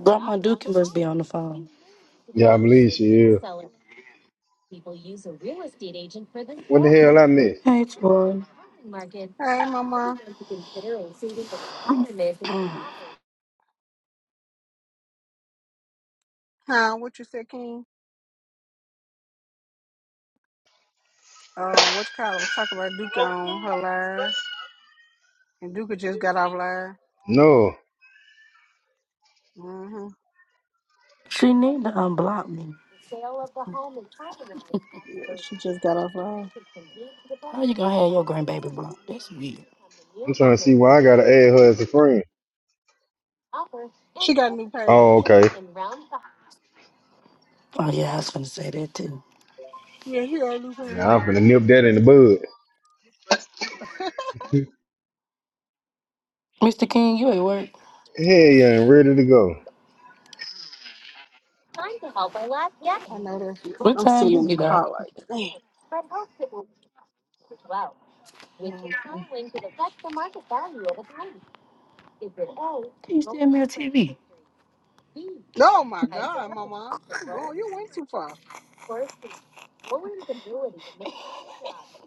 Grandma Duke must be on the phone. Yeah, I believe she is. What the hell I miss? Hey, Troy. Hey, Mama. Huh? What you said, King? Uh, what you call it? Was talking about Duke on her live, and Duke just got off live. No. hmm She need to unblock me. Yeah, she just got off live. How you gonna have your grandbaby blocked? That's weird. I'm trying to see why I gotta add her as a friend. She got a new Oh, page. okay. Oh yeah, I was gonna say that too. Yeah, she got a new Yeah, I'm page. finna nip that in the bud. Mr. King, you at work? Hey, yeah, and ready to go. I know that. feeling. What I'm time sitting in you the get off? car like, damn. Can you stand me on TV? Oh my God, Mama, you going? You went too far.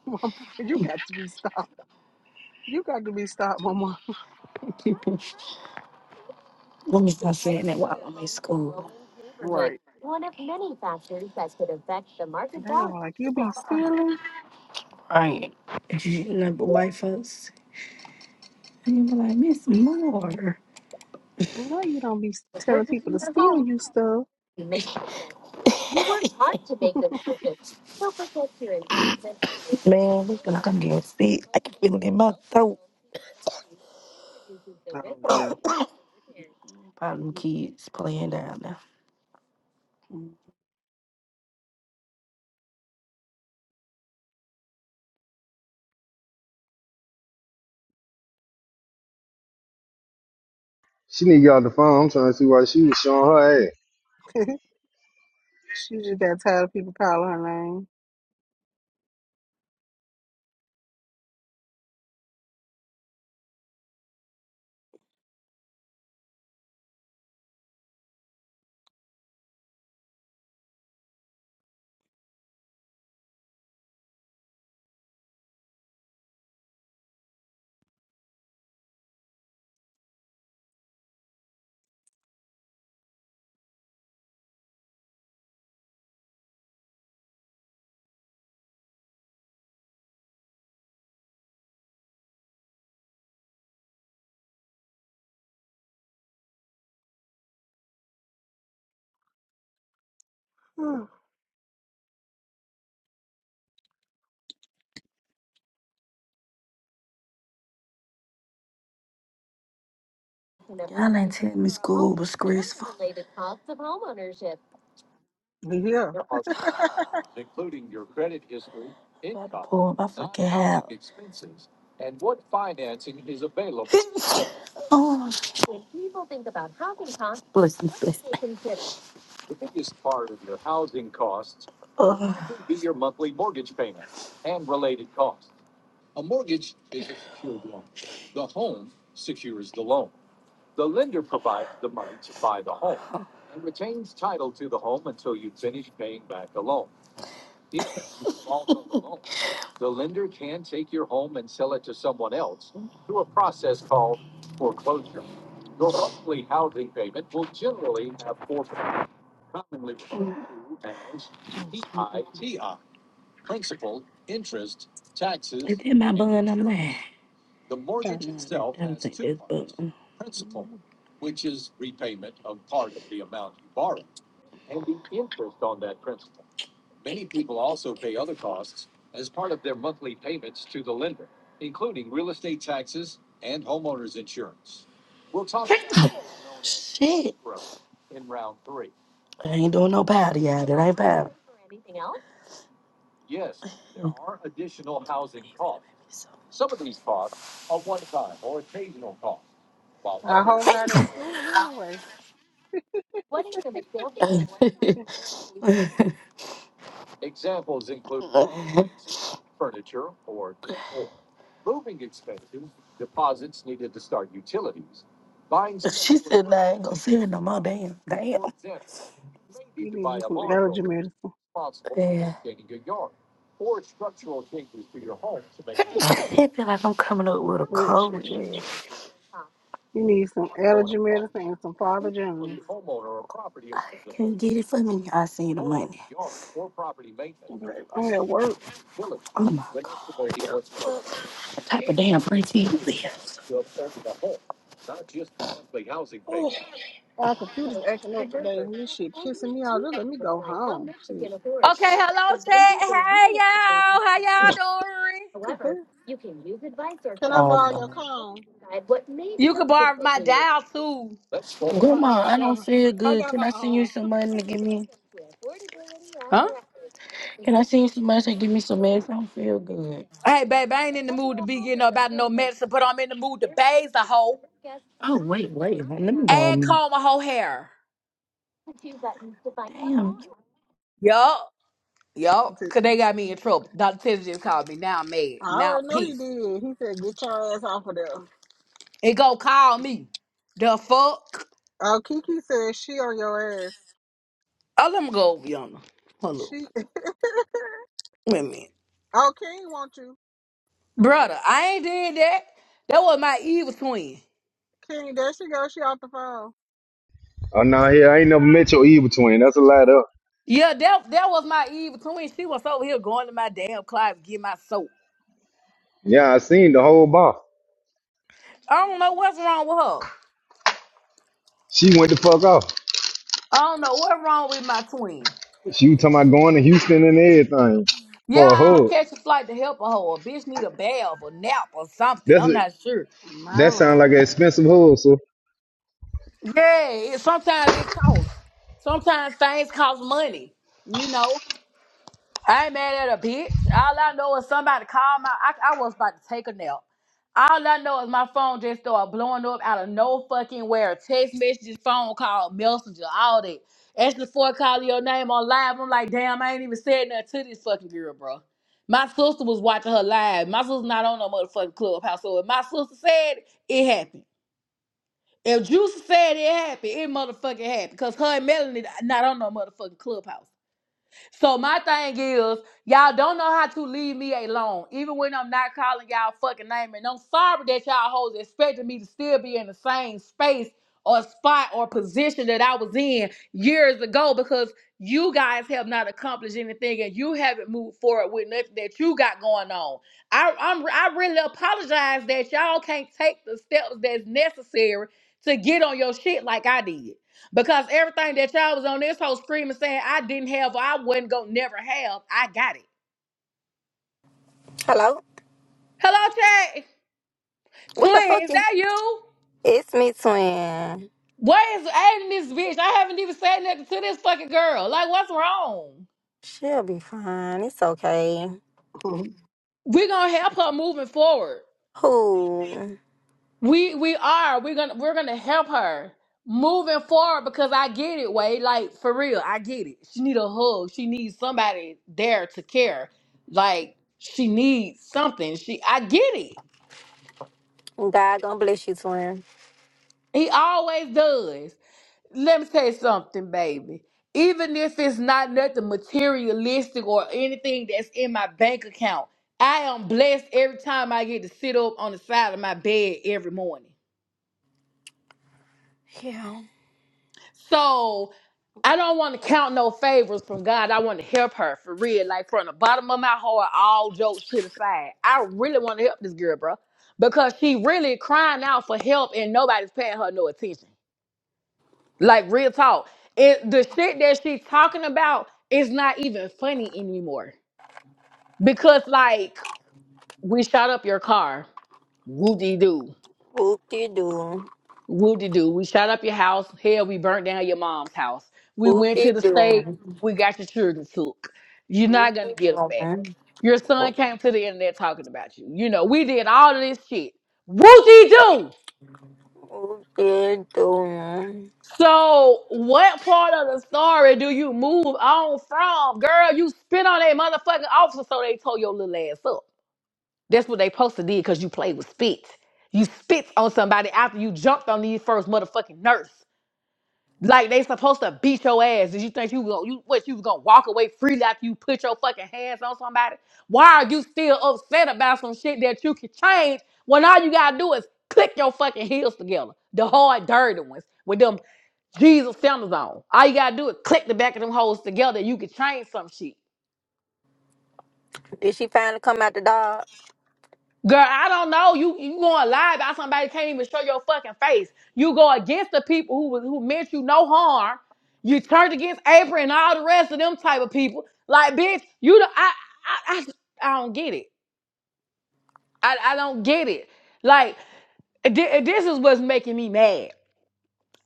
Mama, you got to be stopped. You got to be stopped, Mama. Let me stop saying that while I'm in school. Right. Right? They gonna be like, you be stealing? Number but white folks. And you be like, Miss Moore. No, you don't be telling people to steal you stuff. oh Man, we gonna come getting sick. I can feel it in my throat. yeah. Problem kids playing down there. Mm. She need to get off the phone. I'm trying to see why she was showing her ass. she just got tired of people calling her name. Y'all ain't tell me school was stressful. About Yeah. to pull my fucking hair. oh, oh, this is so sad. Ugh. Oh, mm, mm, mm. Is that my bun? I'm mad. No, I Yeah. don't think that's Mm. bun. Shit. I ain't doing no patty at it. I ain't bad. I hope not at school anyway. she said, nah, I ain't gonna see her no more. Damn. Damn. Yeah. You need you some allergy medicine. I feel like I'm coming up with a cold. Bullshit, and yeah. You need some allergy medicine and some Father Jones. I can't get it for me. I seen the money. Babe, I'm at work. I'm not the type of damn auntie you is. Oh, our computer's acting up today. and This shit pissing me off. Just let me go home. Shit. Okay, hello chat. Hey y'all, how y'all doing? Can I Oh, borrow your Lord. cone? You can borrow my dial too. Nuh Grandma, I I got don't my, feel I good. got Can my I send you own. some money to give me? Huh? Can I send you some money to give me some meds? I don't feel good. Hey babe, I ain't in the mood to be getting up about no medicine, but I'm in the mood to bathe the hoe Oh, wait, wait. I Let me go and on me. comb my whole hair. Damn. Yup, yup. Cause they got me in trouble. Dr. Tiffany just called me. Now I'm mad. Now already know he peace. did. He said, "Get your ass off of there." It go call me. The fuck? Oh, Kiki says she on your ass. Oh, let me go over yonder. Hold up. She Wait a minute. oh King want you. I Brother, forget. I ain't did that. That was my evil twin. King, there she goes. She off the phone. Oh, no, yeah, I ain't never met your evil twin. That's a lie, though. Yeah, that that was my Eve Queen. She was over here going to my damn closet to get my soap. Yeah, I seen the whole bar. I don't know what's wrong with her. She went the fuck off. I don't know what's wrong with my twin. She was talking about going to Houston and everything Yeah, for a I'll hug. catch a flight to help her. Or a bitch need a bath or nap or something. That's I'm it. not sure. My That sound like lord. an expensive hug, sir. Yeah, it, sometimes it costs. Sometimes things cost money. You know. I ain't mad at a bitch. All I know is somebody called my. I, I was about to take a nap. All I know is my phone just started blowing up out of no fucking where. Text messages, phone call, messenger, all that. That's before I call your name on live. I'm like, damn, I ain't even said nothing to this fucking girl, bro. My sister was watching her live. My sister's not on no motherfucking clubhouse. So if my sister said it, it happened. If Juice said it happened, it motherfucking happened. Cause her and Melanie not on no motherfucking clubhouse. So my thing is, y'all don't know how to leave me alone, even when I'm not calling y'all fucking name. And I'm sorry that y'all hoes expected me to still be in the same space or spot or position that I was in years ago because you guys have not accomplished anything and you haven't moved forward with nothing that you got going on. I I'm, I really apologize that y'all can't take the steps that's necessary to get on your shit like I did. Because everything that y'all was on this whole screaming saying I didn't have or I wasn't gonna never have, I got it. Hello? Hello, Chad. What the Twin, fuck is is that you? it's me twin. Where is Aiden this bitch? I haven't even said nothing to this fucking girl. Like, what's wrong? She'll be fine. It's okay. We're gonna help her moving forward. Who We we are. We're gonna we're gonna help her moving forward because I get it, Wade. Like for real, I get it. She need a hug. She needs somebody there to care. Like she needs something. She I get it. God gonna bless you, twin. He always does. Let me tell you something, baby. Even if it's not nothing materialistic or anything that's in my bank account, I am blessed every time I get to sit up on the side of my bed every morning. Yeah. So I don't want to count no favors from God. I want to help her for real, like from the bottom of my heart, all jokes to the side. I really want to help this girl, bro, because she really crying out for help and nobody's paying her no attention. Like real talk. It the shit that she's talking about is not even funny anymore. Because like we shot up your car. Woo dee doo. Whoop de doo. Woo dee doo. We shot up your house. Hell, we burnt down your mom's house. We Whoop went to de the state. doo. We got your children took. You're not Whoop de gonna get them back. doo. Your son came to the internet talking about you. You know, we did all of this shit. Woo dee doo. Whoop de doo. So, what part of the story do you move on from? Girl, you spit on that motherfucking officer, so they tore your little ass up. That's what they supposed to did because you played with spit. You spit on somebody after you jumped on these first motherfucking nurse. Like they supposed to beat your ass. Did you think you gonna you what you was gonna walk away freely after you put your fucking hands on somebody? Why are you still upset about some shit that you can change when all you gotta do is click your fucking heels together? The hard dirty ones with them Jesus sandals on. All you gotta do is click the back of them holes together. You can change some shit. Did she finally come out the dog? Girl, I don't know. You you gonna lie about somebody that can't even show your fucking face. You go against the people who was- who meant you no harm. You turned against April and all the rest of them type of people. Like, bitch, you the I I I, I don't get it. I, I don't get it. Like, thi- this is what's making me mad.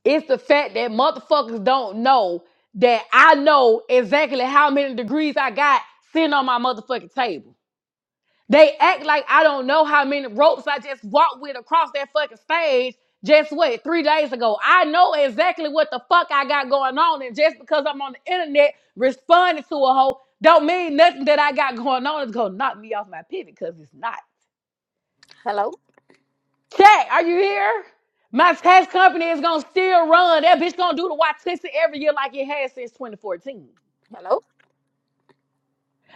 It's the fact that motherfuckers don't know that I know exactly how many degrees I got sitting on my motherfucking table. They act like I don't know how many ropes I just walked with across that fucking stage just what, three days ago. I know exactly what the fuck I got going on. And just because I'm on the internet responding to a hoe, don't mean nothing that I got going on is gonna knock me off my pivot because it's not. Hello? Shay, are you here? My tax company is gonna still run. That bitch gonna do the Wattenson every year like it has since 2014. Hello?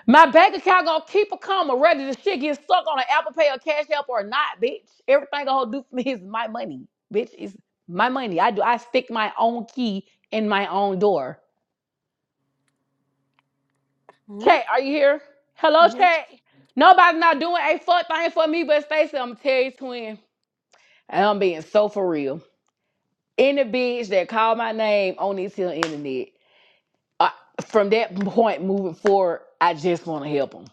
My bank account gonna keep a comma, whether the shit gets stuck on an Apple Pay or Cash App or not, bitch. Everything gonna do for me is my money, bitch. It's my money. I do. I stick my own key in my own door. Chat, Mm-hmm. are you here? Hello, chat. Nobody's not doing a fuck thing for me, but Stacey, I'm gonna tell you, twin. And I'm being so for real. Any bitch that called my name on this here internet. I, from that point moving forward, I just want to help them.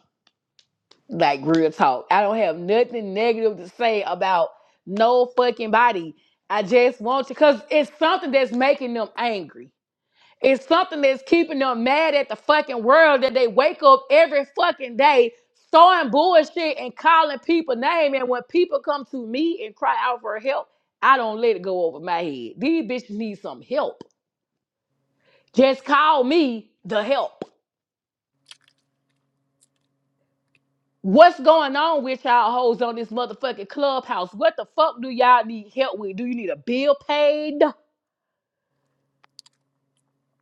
Like real talk, I don't have nothing negative to say about no fucking body. I just want to, cause it's something that's making them angry. It's something that's keeping them mad at the fucking world that they wake up every fucking day throwing bullshit and calling people names. And when people come to me and cry out for help, I don't let it go over my head. These bitches need some help. Just call me the help. What's going on with y'all hoes on this motherfucking clubhouse? What the fuck do y'all need help with? Do you need a bill paid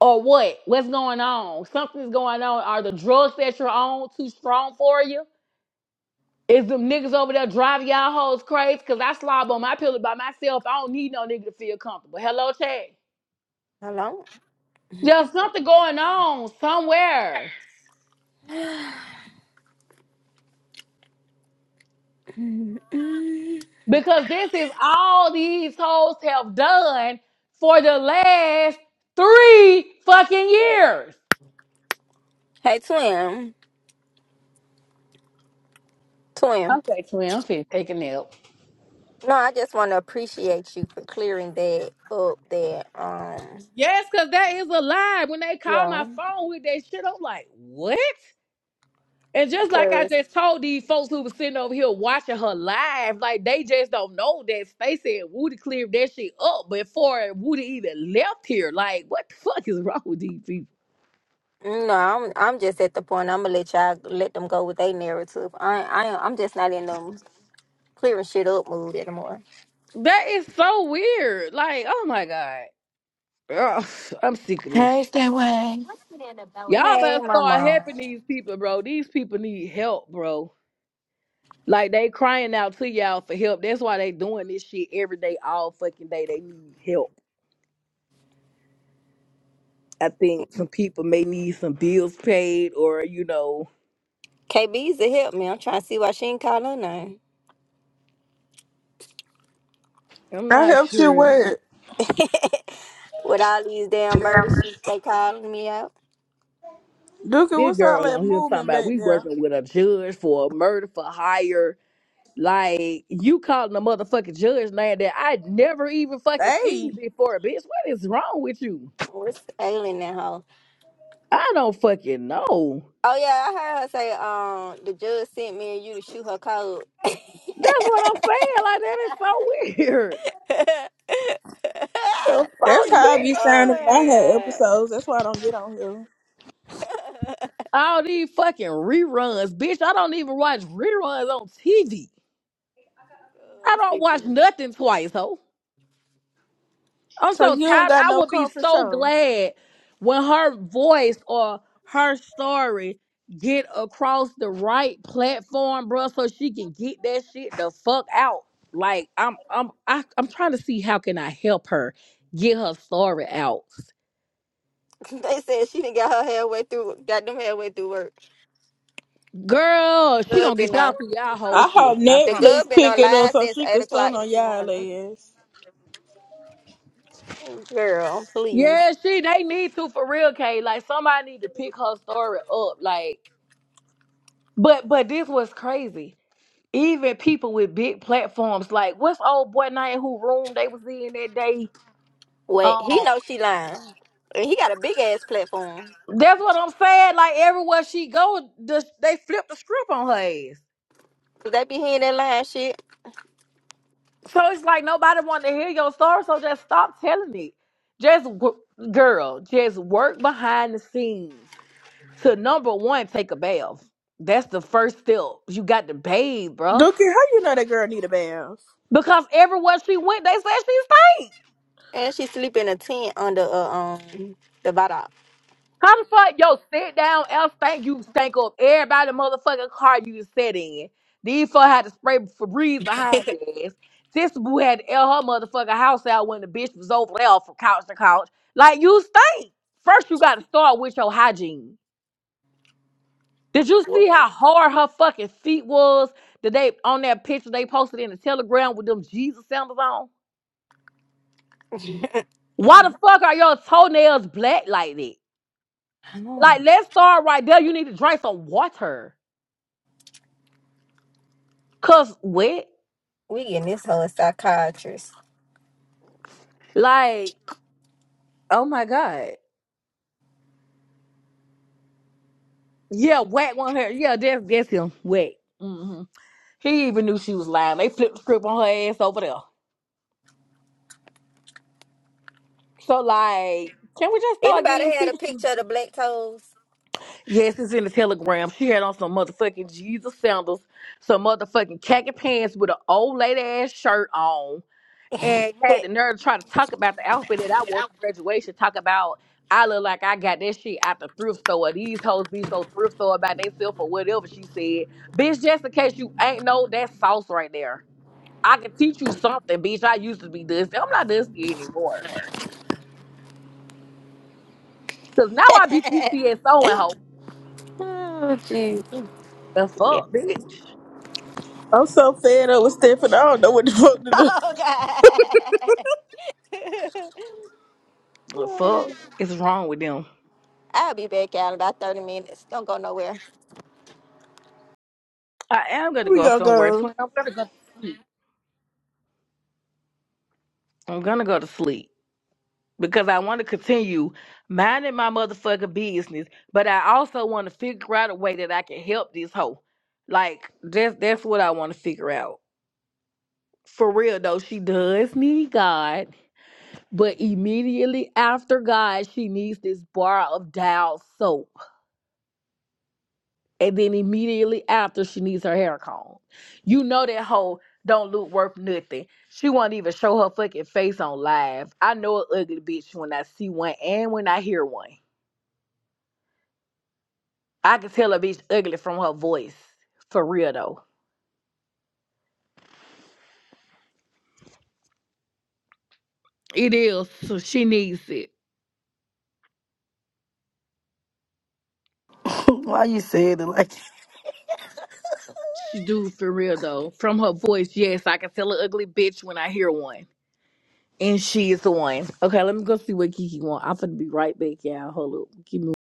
or what? What's going on? Something's going on. Are the drugs that you're on too strong for you? Is them niggas over there driving y'all hoes crazy? Cause I slob on my pillow by myself. I don't need no nigga to feel comfortable. Hello, Chad. Hello? There's something going on somewhere. Mm-mm. Because this is all these hoes have done for the last three fucking years. Hey twin. Twin. Okay, twin, I'm finna take a nap. No, I just wanna appreciate you for clearing that up that um Yes, because that is a lie. When they call Yeah. my phone with that shit, I'm like, what? And just like I Cause just told these folks who was sitting over here watching her live, like they just don't know that Stacey and Woody cleared that shit up before Woody even left here. Like, what the fuck is wrong with these people? no, I'm I'm just at the point I'm gonna let y'all let them go with their narrative. I I I'm just not in them clearing shit up mood anymore. That is so weird. Like, oh my God. Ugh, I'm sick of Hey, this. stay away. Y'all Hey, better my start mom. helping these people, bro. These people need help, bro. Like they crying out to y'all for help. That's why they doing this shit every day, all fucking day. They need help. I think some people may need some bills paid, or you know, KB's to help me. I'm trying to see why she ain't call her name. I'm I not helped you sure. with with all these damn murders, sheets they calling me out. Duka, Big what's all girl that on here talking movement about back we there? working with a judge for a murder for hire. Like you calling a motherfucking judge name that I never even fucking seen Hey, before, bitch. What is wrong with you? What's ailing that hoe? I don't fucking know. Oh yeah, I heard her say um the judge sent me and you to shoot her cold. That's what I'm saying. Like that is so weird. The that's fuck, how I bitch. be oh sounding when my I had god. episodes. That's why I don't get on here. Oh, All these fucking reruns, bitch. I don't even watch reruns on TV. I I'm don't sick of watch nothing twice, ho. I'm So so you don't tired. got I no would be comfort so show. glad when her voice or her story get across the right platform, bruh, so she can get that shit the fuck out. Like I'm, I'm, I, I'm trying to see how can I help her get her story out. it. they said she didn't got her halfway through, got them halfway through work. Girl, she Good gonna get been y'all on, through y'all whole I shit. hope I the promise. Netflix good been pick on it up live so since she eight could o'clock stun on this y'all morning. ass. Oh, Girl, please. Yeah, she they need to for real, Kay. Like somebody need to pick her story up. Like, but but this was crazy. Even people with big platforms, like what's old boy name who room they was in that day? Wait, he Um, know she lying, and he got a big ass platform. that's what I'm saying. Like everywhere she go, the, they flip the script on her ass. Cause they be hearing that lying shit, So it's like nobody want to hear your story. So just stop telling it. Just w- girl, just work behind the scenes. to number one, take a bath. That's the first step. You got to bathe, bruh. Duka, how you know that girl need a bath? Because everywhere she went, they said she stank. and she sleep in a tent under uh, um the bottom. How the fuck, yo, sit down, else stank, you stank up everybody motherfucking car you sat in. These fuck had to spray Febreze behind your ass. Sister Boo had to air her motherfucking house out when the bitch was over there from couch to couch. Like, you stink. First, you got to start with your hygiene. Did you see What? how hard her fucking feet was that they on that picture they posted in the telegram with them Jesus sandals on? I Why the fuck are your toenails black like that? know. Like, let's start right there. You need to drink some water. Cause wet. We getting this whole psychiatrist. Like, oh my God. Yeah, whack one hair. Yeah, that's that's him. Whack. hmm He even knew she was lying. They flipped the script on her ass over there. So like, can we just start getting Anybody these had a people? picture of the black toes? Yes, it's in the telegram. She had on some motherfucking Jesus sandals, some motherfucking khaki pants with an old lady ass shirt on, and had the nerve to try to talk about the outfit that I wore to graduation. Talk about I look like I got that shit out the thrift store. These hoes be so thrift store about themselves or whatever she said. Bitch, just in case you ain't know that sauce right there. I can teach you something, bitch. I used to be dusty. I'm not dusty anymore. Cause now I be PCSO and hoe. oh, jeez. The Yeah. fuck, bitch. I'm so fed up with Stephanie. I don't know what the fuck to do. Oh God. The fuck is wrong with them? I'll be back out in about 30 minutes. Don't go nowhere. I am going to We go gonna somewhere go. soon. I'm going to go to sleep. I'm going to go to sleep because I want to continue minding my motherfucking business, but I also want to figure out a way that I can help this hoe. Like that's that's what I want to figure out. For real though, she does need God, but immediately after God, she needs this bar of Dial soap. and then immediately after she needs her hair combed. You know that hoe don't look worth nothing. She won't even show her fucking face on live. I know an ugly bitch when I see one and when I hear one. I can tell a bitch ugly from her voice. For real though. It is. So she needs it. Why you said it like that? She do for real though. From her voice, yes, I can tell an ugly bitch when I hear one. And she is the one. Okay, let me go see what Kiki want. I'm finna be right back, y'all. Hold up. Give me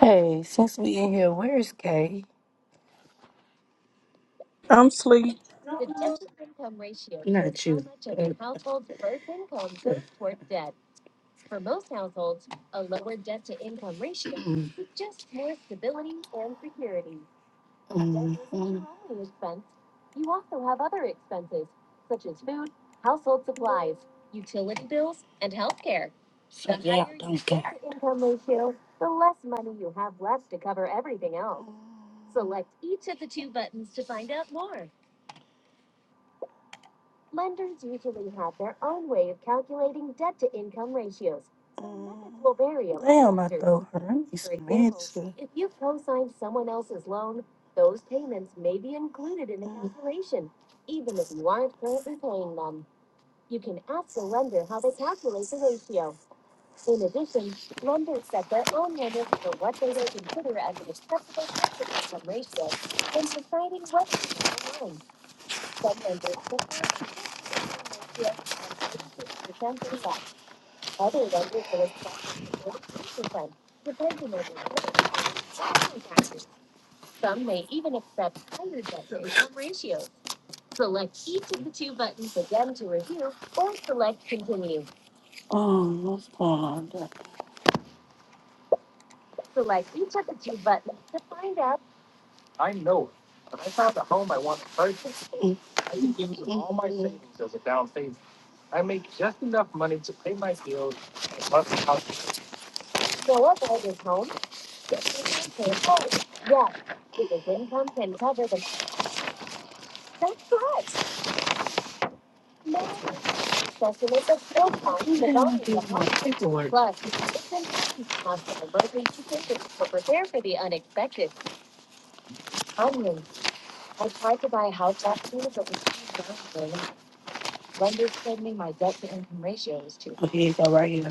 Hey, since we in here, where's Kay? I'm sleep. Mm, mm, mm. your care. throat hurt. For Oh, what's going on? there? Oh, Okay, you go, right here.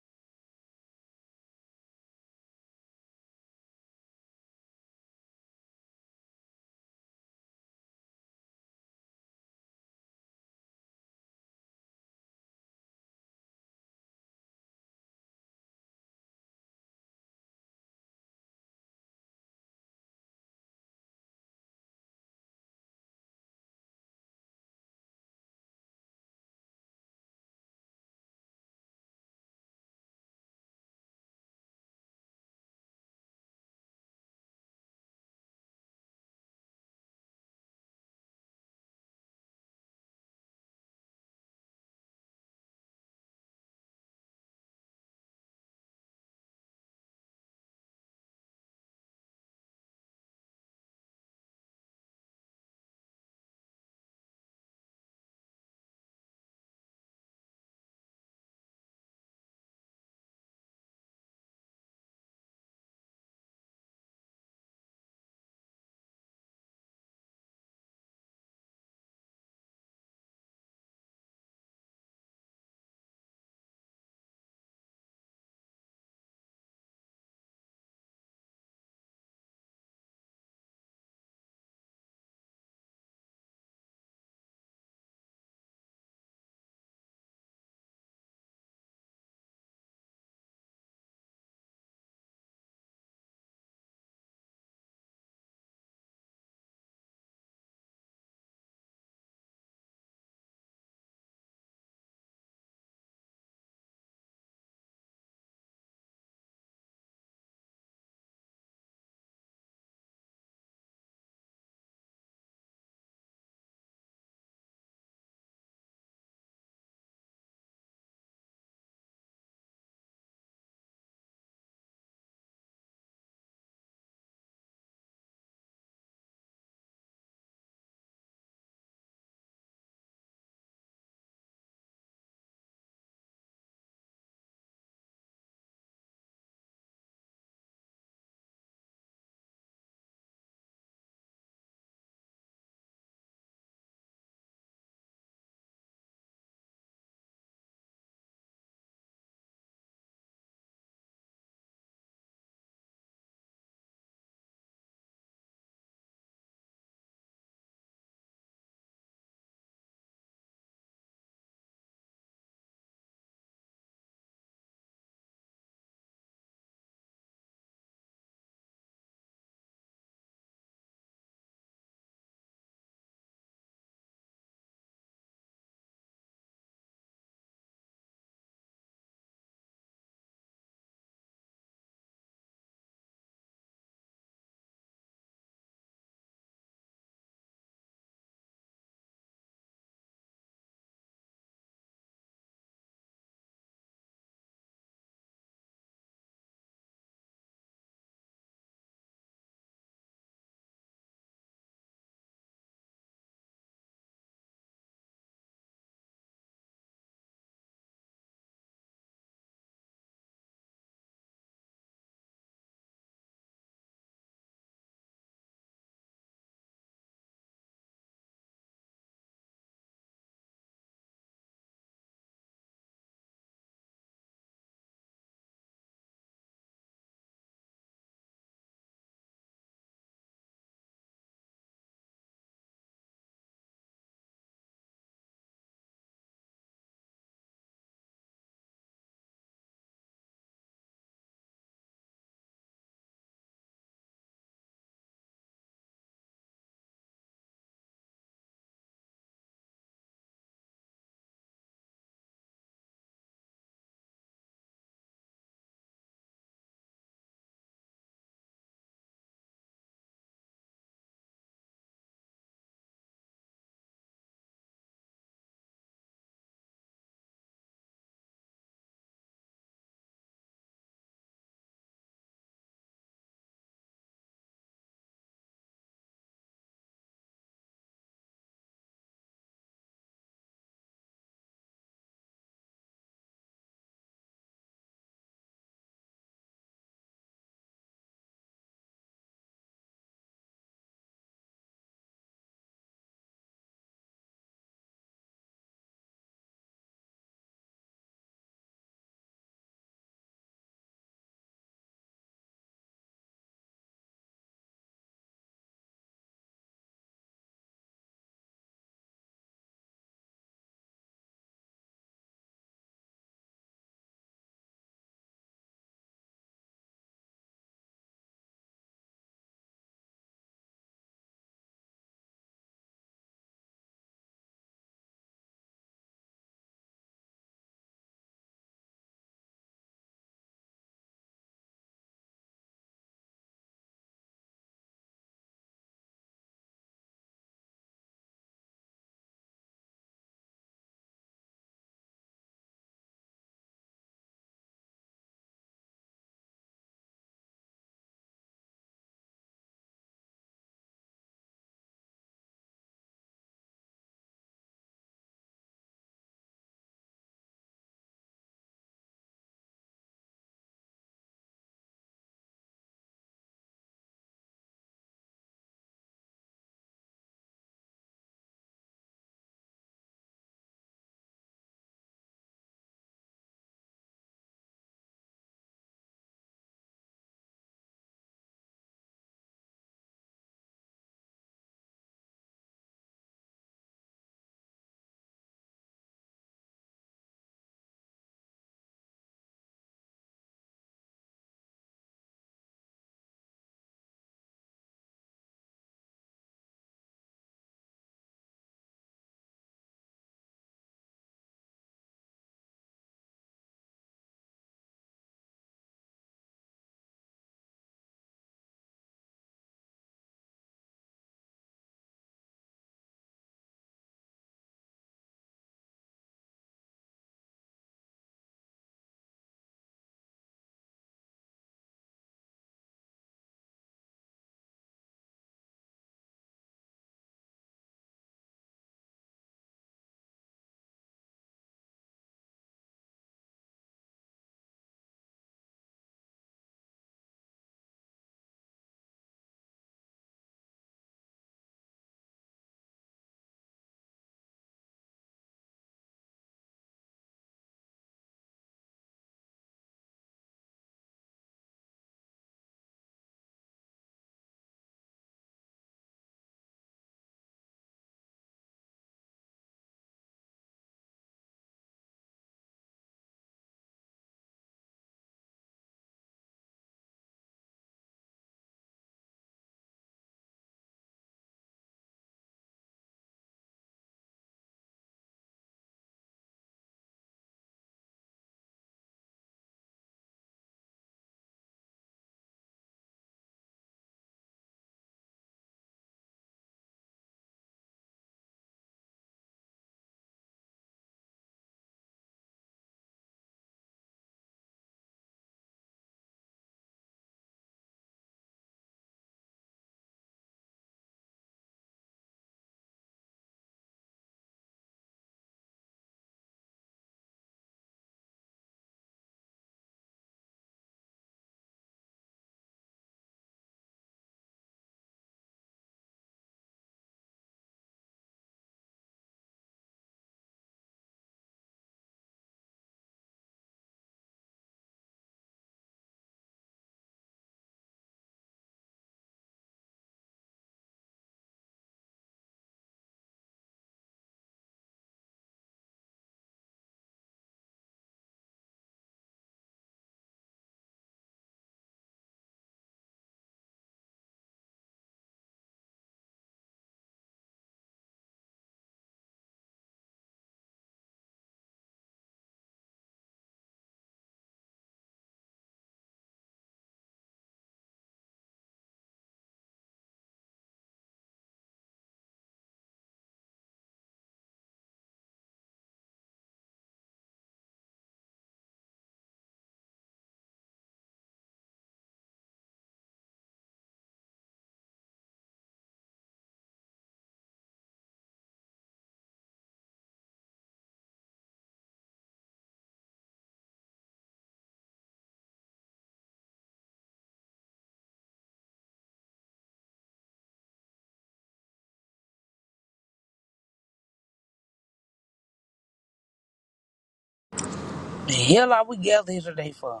The hell are we gathered here today for?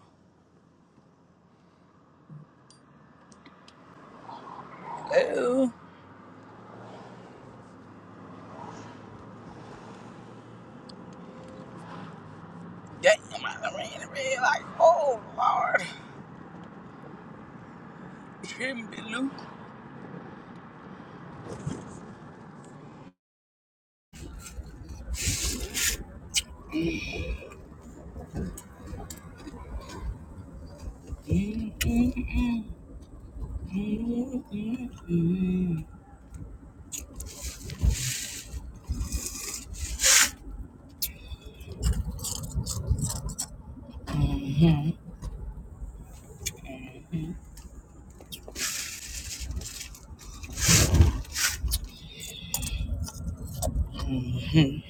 Oh, damn, I done ran the red light. Oh, Lord. Trim me, Lou. Mm, mm, mm, mm, mm, mm. Mhm, mhm,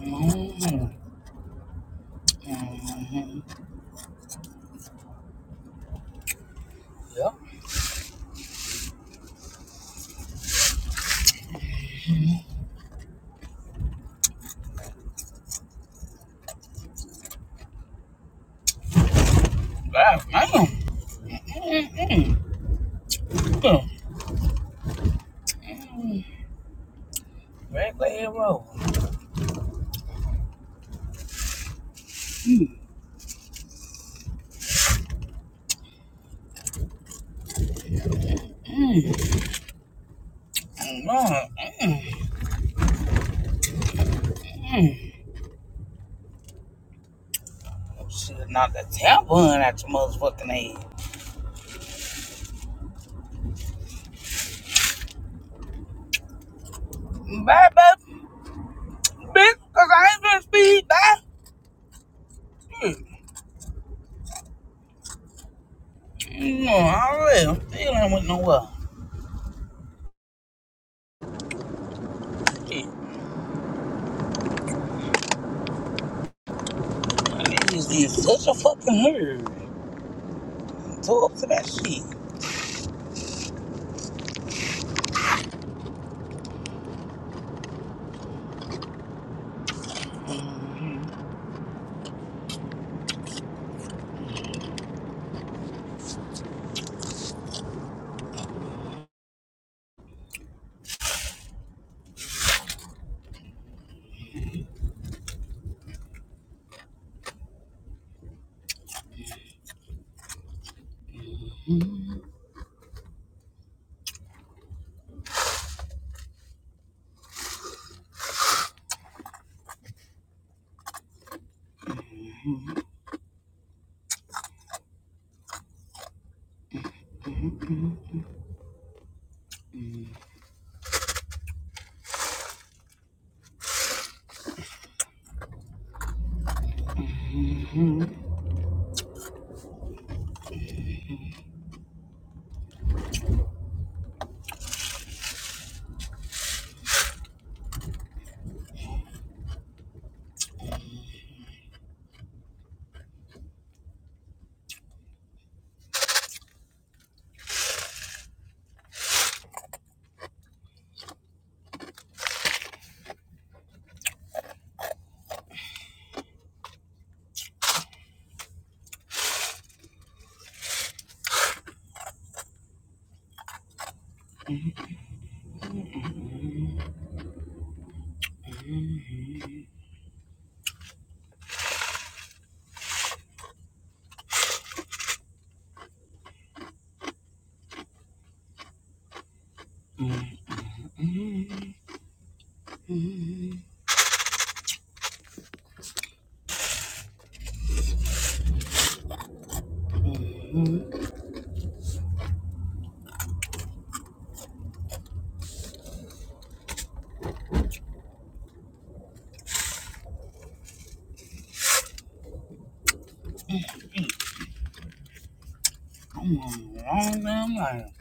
mhm, mhm. Yep. God damn. Mm, mm, mm. Mm. Red Glade Road. Mm, mm, mm, mm, mm. Oh, Shit, knock the tail bun out your motherfucking head. Bye, bye, bitch, because I ain't gonna speed, bye. Mm. You know, already, I'm still ain't went nowhere. Shit, man, they in such a fucking hurry. Tore up to that shit. Mm-hmm. Mm-hmm. I'm on the wrong damn line.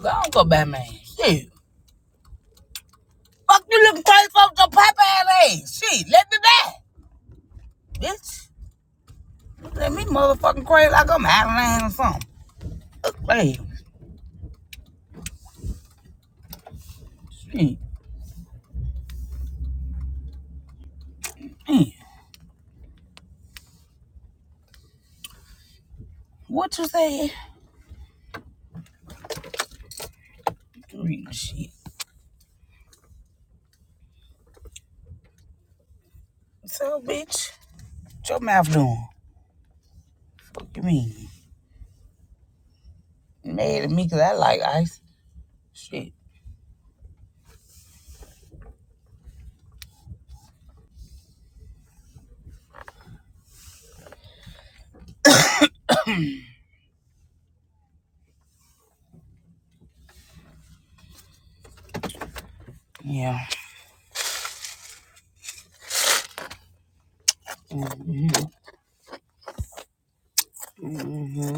Go on, go Batman. Shit. Fuck you looking crazy folks to pop ass ass. Shit, let me die. Bitch. Let me motherfucking crazy like I'm out of line or something. Look, babe. Shit. Mm. What you say? Real shit. So, bitch, what your mouth doing? What you mean? Mad at me because I like ice. Shit. Yeah. Mm-hmm. Mm-hmm.